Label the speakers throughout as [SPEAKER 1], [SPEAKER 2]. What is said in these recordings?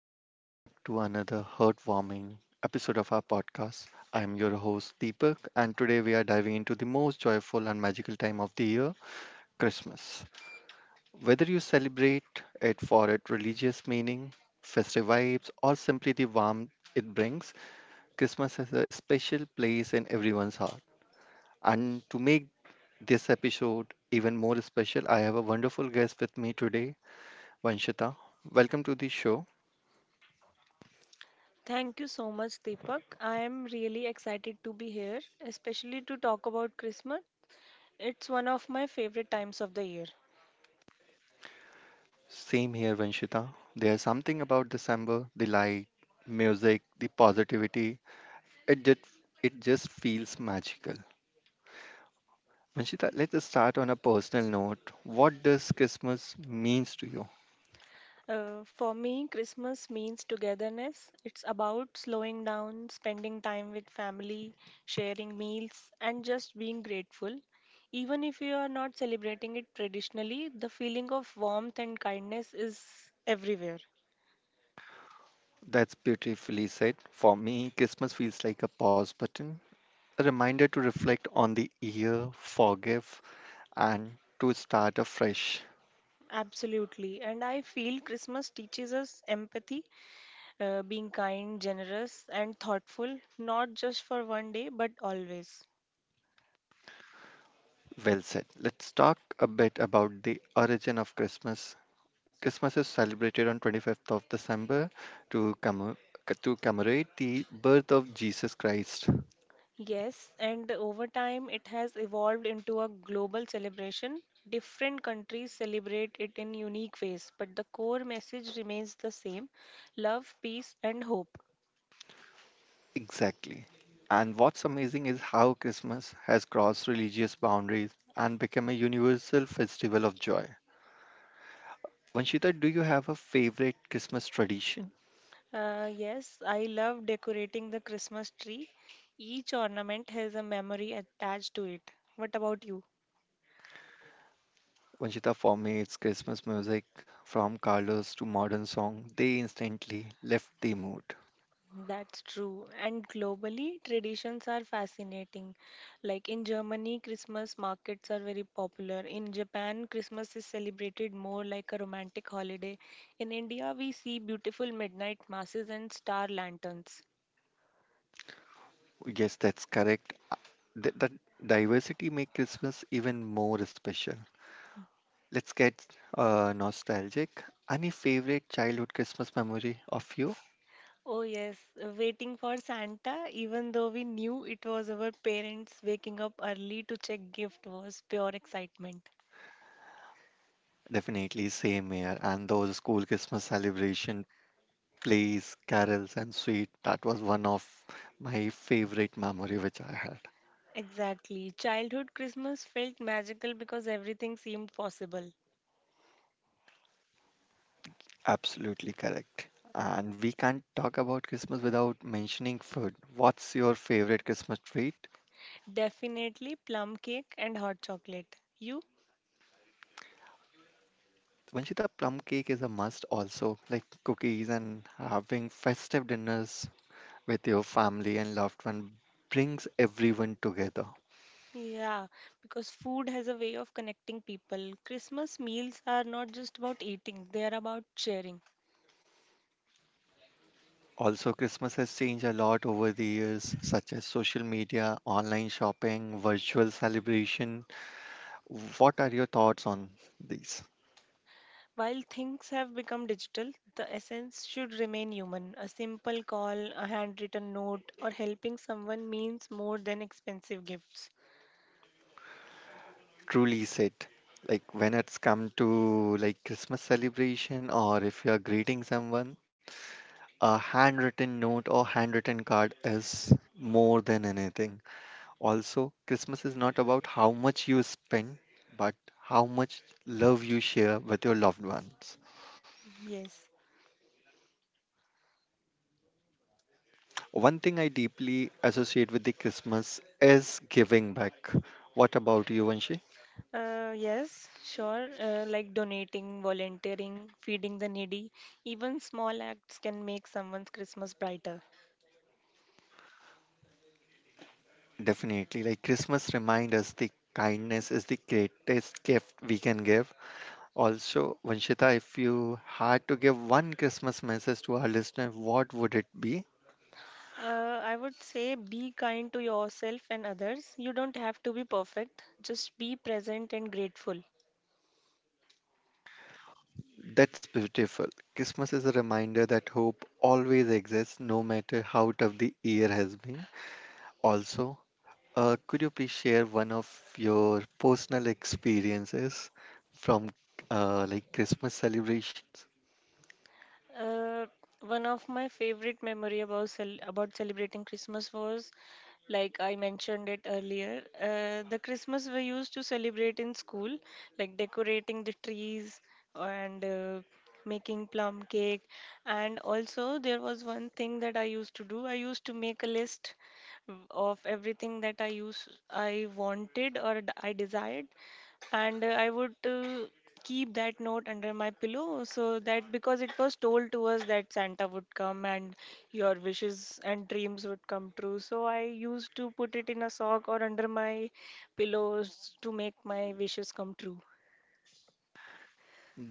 [SPEAKER 1] Welcome back to another heartwarming episode of our podcast. I am your host, Deepak, and today we are diving into the most joyful and magical time of the year, Christmas. Whether you celebrate it for its religious meaning, festive vibes, or simply the warmth it brings, Christmas has a special place in everyone's heart. And to make this episode even more special, I have a wonderful guest with me today, Vanshita. Welcome to the show.
[SPEAKER 2] Thank you so much, Deepak. I am really excited to be here, especially to talk about Christmas. It's one of my favorite times of the year.
[SPEAKER 1] Same here, Vanshita. There's something about December, the light, music, the positivity. It just, it just feels magical. Vanshita, let us start on a personal note. What does Christmas means to you?
[SPEAKER 2] For me, Christmas means togetherness. It's about slowing down, spending time with family, sharing meals, and just being grateful. Even if you are not celebrating it traditionally, the feeling of warmth and kindness is everywhere.
[SPEAKER 1] That's beautifully said. For me, Christmas feels like a pause button, a reminder to reflect on the year, forgive, and to start afresh.
[SPEAKER 2] Absolutely. And I feel Christmas teaches us empathy, being kind, generous, and thoughtful, not just for one day, but always.
[SPEAKER 1] Well said. Let's talk a bit about the origin of Christmas. Christmas is celebrated on 25th of December to, commem- to commemorate the birth of Jesus Christ.
[SPEAKER 2] Yes, and over time it has evolved into a global celebration. Different countries celebrate it in unique ways, but the core message remains the same: love, peace, and hope.
[SPEAKER 1] Exactly. And what's amazing is how Christmas has crossed religious boundaries and become a universal festival of joy. Vanshita, do you have a favorite Christmas tradition?
[SPEAKER 2] Yes, I love decorating the Christmas tree. Each ornament has a memory attached to it. What about you?
[SPEAKER 1] Vanshita, for me, it's Christmas music from Carlos to modern song. They instantly left the mood.
[SPEAKER 2] That's true. And globally, traditions are fascinating. Like in Germany, Christmas markets are very popular. In Japan, Christmas is celebrated more like a romantic holiday. In India, we see beautiful midnight masses and star lanterns.
[SPEAKER 1] Yes, that's correct. That diversity makes Christmas even more special. Let's get Nostalgic. Any favorite childhood Christmas memory of you?
[SPEAKER 2] Oh, yes, waiting for Santa, even though we knew it was our parents waking up early to check gift was pure excitement.
[SPEAKER 1] Definitely same here. And those school Christmas celebration plays, carols, and sweet. That was one of my favorite memory which I had.
[SPEAKER 2] Exactly. Childhood Christmas felt magical because everything seemed possible.
[SPEAKER 1] Absolutely correct. And we can't talk about Christmas without mentioning food. What's your favorite Christmas treat?
[SPEAKER 2] Definitely plum cake and hot chocolate. You?
[SPEAKER 1] Vanshita, plum cake is a must, also like cookies and having festive dinners with your family and loved one brings everyone together.
[SPEAKER 2] Yeah, because food has a way of connecting people. Christmas meals are not just about eating, they are about sharing.
[SPEAKER 1] Also, Christmas has changed a lot over the years, such as social media, online shopping, virtual celebration. What are your thoughts on these?
[SPEAKER 2] While things have become digital, the essence should remain human. A simple call, a handwritten note, or helping someone means more than expensive gifts.
[SPEAKER 1] Truly said, like when it's come to like Christmas celebration or if you're greeting someone, a handwritten note or handwritten card is more than anything. Also, Christmas is not about how much you spend, but how much love you share with your loved ones.
[SPEAKER 2] Yes.
[SPEAKER 1] One thing I deeply associate with the Christmas is giving back. What about you, Vanshi?
[SPEAKER 2] Yes, sure. Like donating, volunteering, feeding the needy, even small acts can make someone's Christmas brighter.
[SPEAKER 1] Definitely. Like Christmas reminds us the kindness is the greatest gift we can give. Also, Vanshita, if you had to give one Christmas message to our listener, what would it be?
[SPEAKER 2] I would say be kind to yourself and others. You don't have to be perfect, just be present and grateful.
[SPEAKER 1] That's beautiful. Christmas is a reminder that hope always exists, no matter how tough the year has been. Also, could you please share one of your personal experiences from like Christmas celebrations?
[SPEAKER 2] Uh, One of my favorite memory about celebrating Christmas was, like I mentioned it earlier, the Christmas we used to celebrate in school, like decorating the trees and making plum cake. And also there was one thing that I used to do. I used to make a list of everything that I wanted or I desired and I would, keep that note under my pillow so that, because it was told to us that Santa would come and your wishes and dreams would come true. So I used to put it in a sock or under my pillows to make my wishes come true.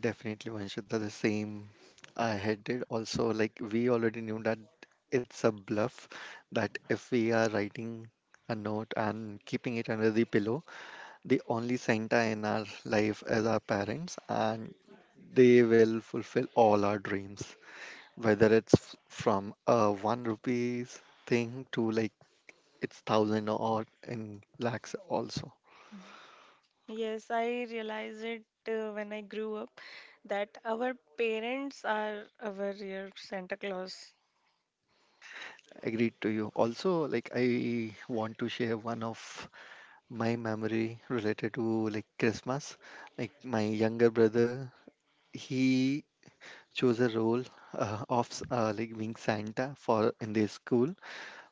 [SPEAKER 1] Definitely, Vanshita, the same I had did. Also, like we already knew that it's a bluff that if we are writing a note and keeping it under the pillow, the only Santa in our life is our parents, and they will fulfill all our dreams, whether from a one rupees thing to like it's thousand or in lakhs also.
[SPEAKER 2] Yes, I realized it when I grew up that our parents are our real Santa Claus.
[SPEAKER 1] Agreed to you. Also, like I want to share one of my memory related to like Christmas. Like my younger brother, he chose a role of like being Santa for in their school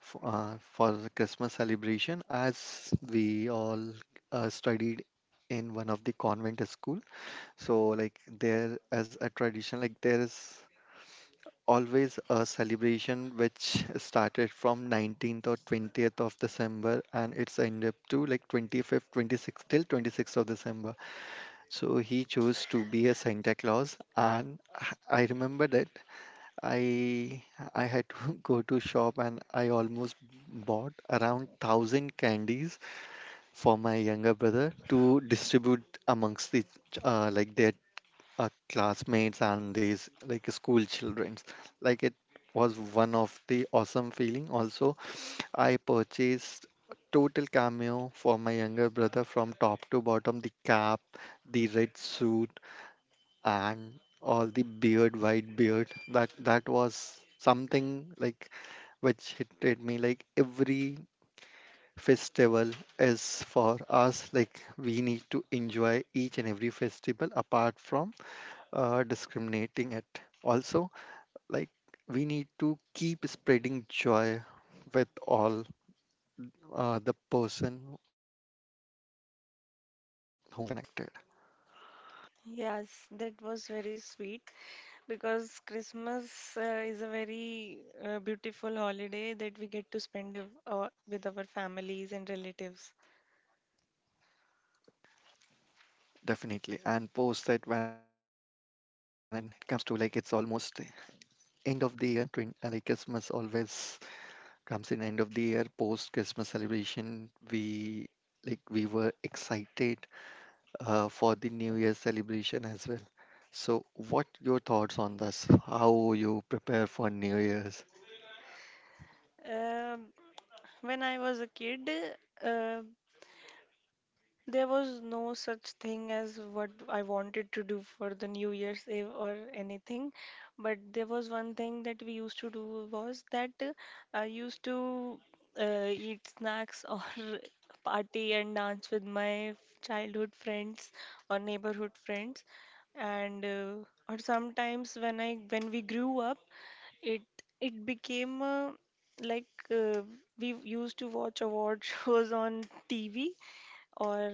[SPEAKER 1] for the Christmas celebration, as we all studied in one of the convent school. So, like there as a tradition, like there is always a celebration which started from 19th or 20th of December and it's end up to like 25th, 26th, till 26th of December. So he chose to be a Santa Claus, and I remember that I I had to go to shop and I almost bought around 1,000 candies for my younger brother to distribute amongst like their classmates and these like school childrens. Like it was one of the awesome feeling. Also, I purchased total cameo for my younger brother from top to bottom, the cap, the red suit, and all the beard, white beard, that was something like which hit me like every festival is for us. Like we need to enjoy each and every festival apart from discriminating it also. Like we need to keep spreading joy with all the person whom we are connected.
[SPEAKER 2] Yes, that was very sweet, because Christmas is a very beautiful holiday that we get to spend with our families and relatives.
[SPEAKER 1] Definitely. And post that, when it comes to like it's almost end of the year, twin like Christmas always comes in end of the year. Post Christmas celebration, we were excited for the new year celebration as well. So what your thoughts on this? How you prepare for new year's?
[SPEAKER 2] Um when I was a kid, uh, there was no such thing as what I wanted to do for the New Year's Eve or anything, but there was one thing that we used to do was that, I used to, eat snacks or party and dance with my childhood friends or neighborhood friends, and or sometimes when we grew up, it it became, like uh, we used to watch award shows on TV, or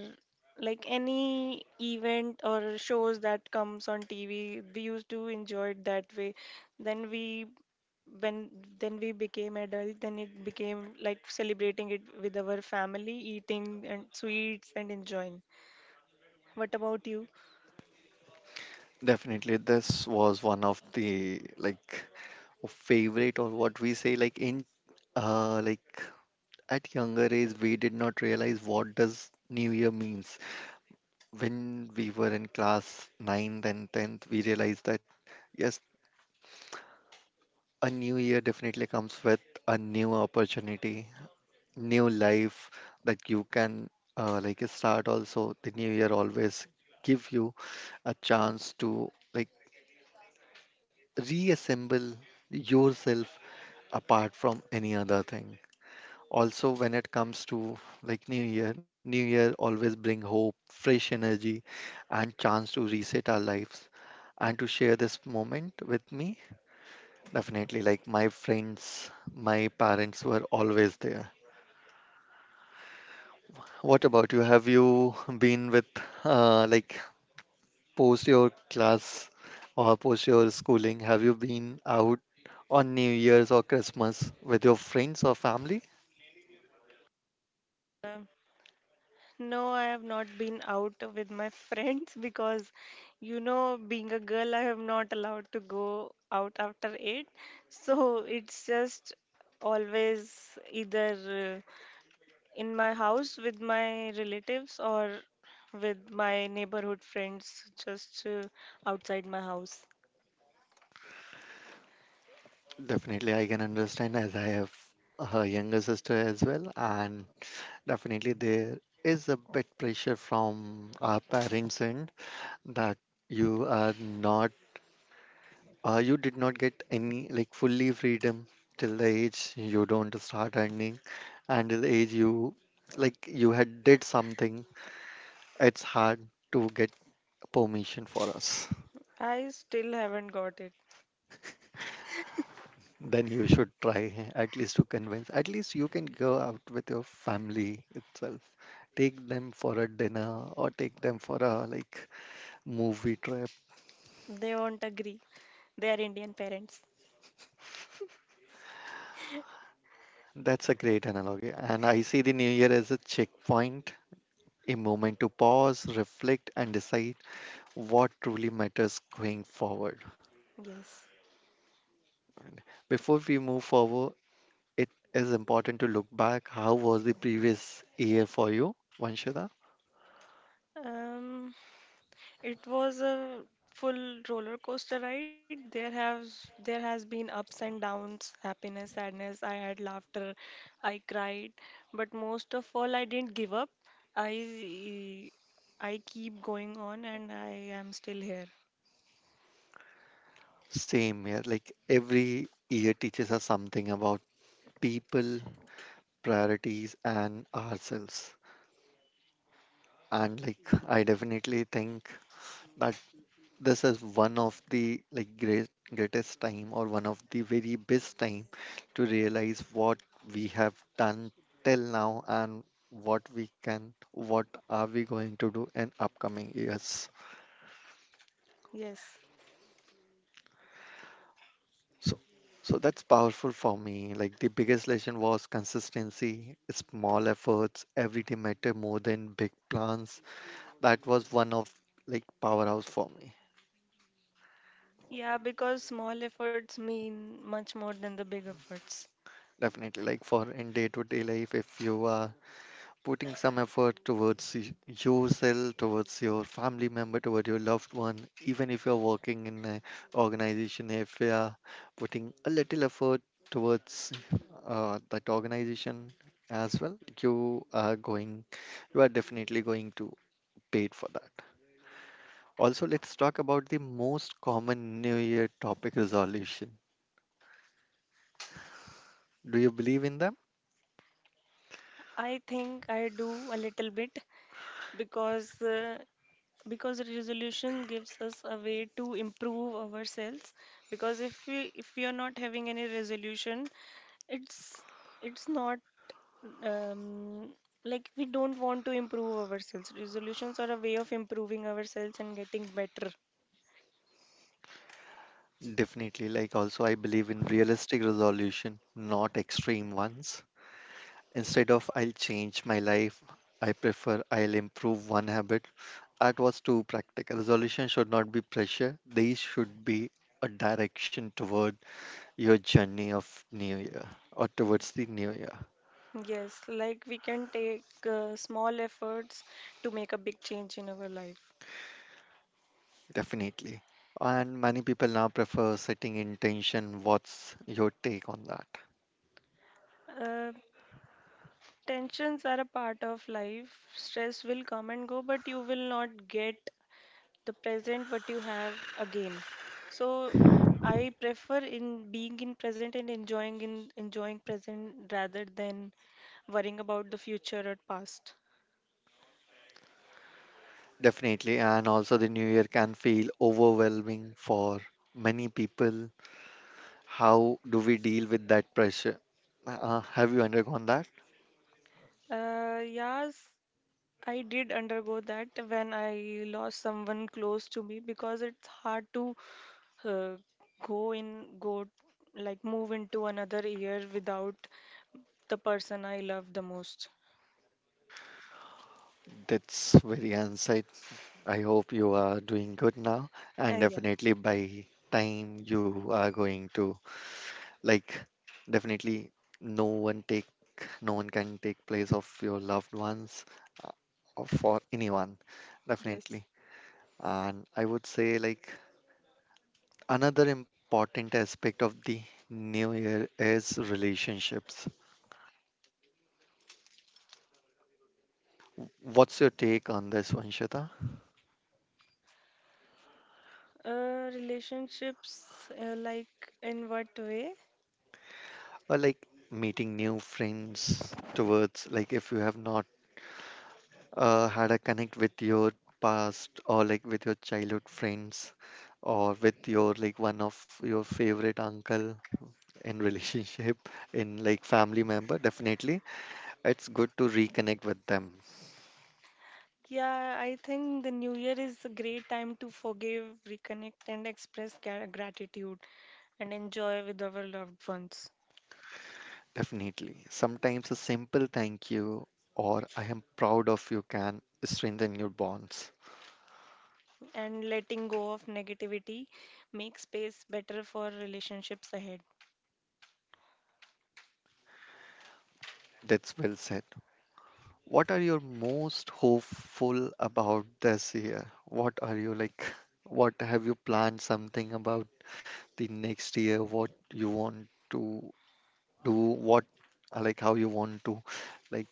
[SPEAKER 2] like any event or shows that comes on TV we used to enjoy it that way. Then we when then we became adult, then it became like celebrating it with our family, eating and sweets and enjoying. What about you?
[SPEAKER 1] Definitely, this was one of the like favorite or what we say, like in like at younger age we did not realize what does new year means. When we were in class ninth and 10th, we realized that yes, a new year definitely comes with a new opportunity, new life that you can like start. Also, the new year always give you a chance to like reassemble yourself apart from any other thing. Also, when it comes to like new year always bring hope, fresh energy, and chance to reset our lives and to share this moment with me. Definitely, like my friends, my parents were always there. What about you? Have you been with, like, post your class or post your schooling? Have you been out on New Year's or Christmas with your friends or family?
[SPEAKER 2] No, I have not been out with my friends because, you know, being a girl I am not allowed to go out after 8, so it's just always either in my house with my relatives or with my neighborhood friends, just outside my house.
[SPEAKER 1] Definitely, I can understand as I have a younger sister as well, and definitely there is a bit pressure from our parents' end that you are not. You did not get any like fully freedom till the age you don't start earning, until the age you like you had did something. It's hard to get permission for us.
[SPEAKER 2] I still haven't got it.
[SPEAKER 1] Then you should try at least to convince. At least you can go out with your family itself. Take them for a dinner or take them for a like movie trip.
[SPEAKER 2] They won't agree. They are Indian parents.
[SPEAKER 1] That's a great analogy. And I see the new year as a checkpoint, a moment to pause, reflect, and decide what truly matters going forward.
[SPEAKER 2] Yes.
[SPEAKER 1] Before we move forward, it is important to look back. How was the previous year for you, Vanshika?
[SPEAKER 2] Um It was a full roller coaster ride. There has been ups and downs, happiness, sadness. I had laughter, I cried, but most of all, I didn't give up. I I keep going on, and I am still here.
[SPEAKER 1] Same year. Like every year teaches us something about people, priorities, and ourselves. And like I definitely think that this is one of the like greatest time or one of the very best time to realize what we have done till now and what we can, what are we going to do in upcoming years.
[SPEAKER 2] Yes.
[SPEAKER 1] So so that's powerful for me. Like the biggest lesson was consistency. Small efforts every day matter more than big plans. That was one of like powerhouse for me.
[SPEAKER 2] Yeah, because small efforts mean much more than the big efforts.
[SPEAKER 1] Definitely, like for in day to day life, if you are putting some effort towards yourself, towards your family member, towards your loved one, even if you're working in an organization, if you are putting a little effort towards that organization as well, you are definitely going to pay it for that. Also, let's talk about the most common New Year topic, resolution. Do you believe in them?
[SPEAKER 2] I think I do a little bit, because resolution gives us a way to improve ourselves, because if we are not having any resolution, it's it's not, um, like, we don't want to improve ourselves. Resolutions are a way of improving ourselves and getting better.
[SPEAKER 1] Definitely. Like, also, I believe in realistic resolution, not extreme ones. Instead of I'll change my life, I prefer I'll improve one habit. That was too practical. Resolution should not be pressure. These should be a direction toward your journey of new year or
[SPEAKER 2] Ye-
[SPEAKER 1] towards the new year,
[SPEAKER 2] yes like we can take small efforts to make a big change in our life.
[SPEAKER 1] definitely. And many people now prefer setting intention. What's your take on that?
[SPEAKER 2] uh, Tensions are a part of life. Stress will come and go, but you will not get the present what you have again. So I prefer in being in present and enjoying present rather than worrying about the future or past.
[SPEAKER 1] Definitely. And also, the new year can feel overwhelming for many people. How do we deal with that pressure? Have you undergone that?
[SPEAKER 2] Yes, I did undergo that when I lost someone close to me, because it's hard to, uh, go in go like move into another year without the person I love the most.
[SPEAKER 1] That's very insight. I hope you are doing good now, and
[SPEAKER 2] Yeah.
[SPEAKER 1] definitely by time you are going to like definitely no one take no one can take place of your loved ones uh, or for anyone
[SPEAKER 2] Yes.
[SPEAKER 1] definitely. And I would say like another important aspect of the new year is relationships. What's your take on this one, Shita?
[SPEAKER 2] Relationships, like in what way?
[SPEAKER 1] Or like meeting new friends towards like if you have not had a connect with your past or like with your childhood friends or with your like one of your favorite uncle in relationship, in like family member. Definitely it's good to reconnect with them.
[SPEAKER 2] Yeah, I think the new year is a great time to forgive, reconnect, and express gratitude and enjoy with our loved ones.
[SPEAKER 1] Definitely, sometimes a simple thank you or I am proud of you can strengthen your bonds.
[SPEAKER 2] And letting go of negativity makes space better for relationships ahead.
[SPEAKER 1] That's well said. What are you most hopeful about this year? What are you like what have you planned something about the next year? What you want to do? What Like how you want to like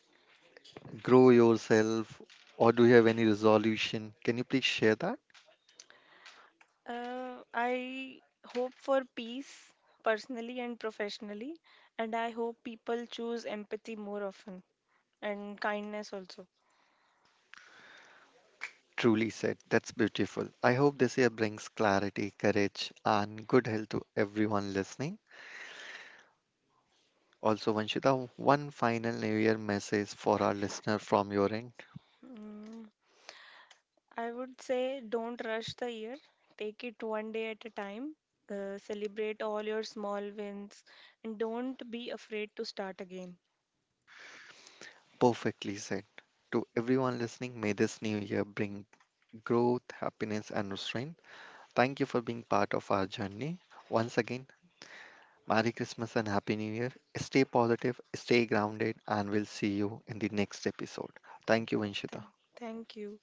[SPEAKER 1] grow yourself, or do you have any resolution? Can you please share that?
[SPEAKER 2] I hope for peace personally and professionally, and I hope people choose empathy more often and kindness also.
[SPEAKER 1] Truly said, that's beautiful. I hope this year brings clarity, courage, and good health to everyone listening. Also, Vanshita, one final new year message for our listener from your end.
[SPEAKER 2] Mm. I would say don't rush the year. Take it one day at a time. Celebrate all your small wins and don't be afraid to start again.
[SPEAKER 1] Perfectly said. To everyone listening, may this new year bring growth, happiness, and restraint. Thank you for being part of our journey. Once again, Merry Christmas and Happy New Year. Stay positive, stay grounded, and we'll see you in the next episode. Thank you,
[SPEAKER 2] Thank,
[SPEAKER 1] Vanshita.
[SPEAKER 2] Thank you.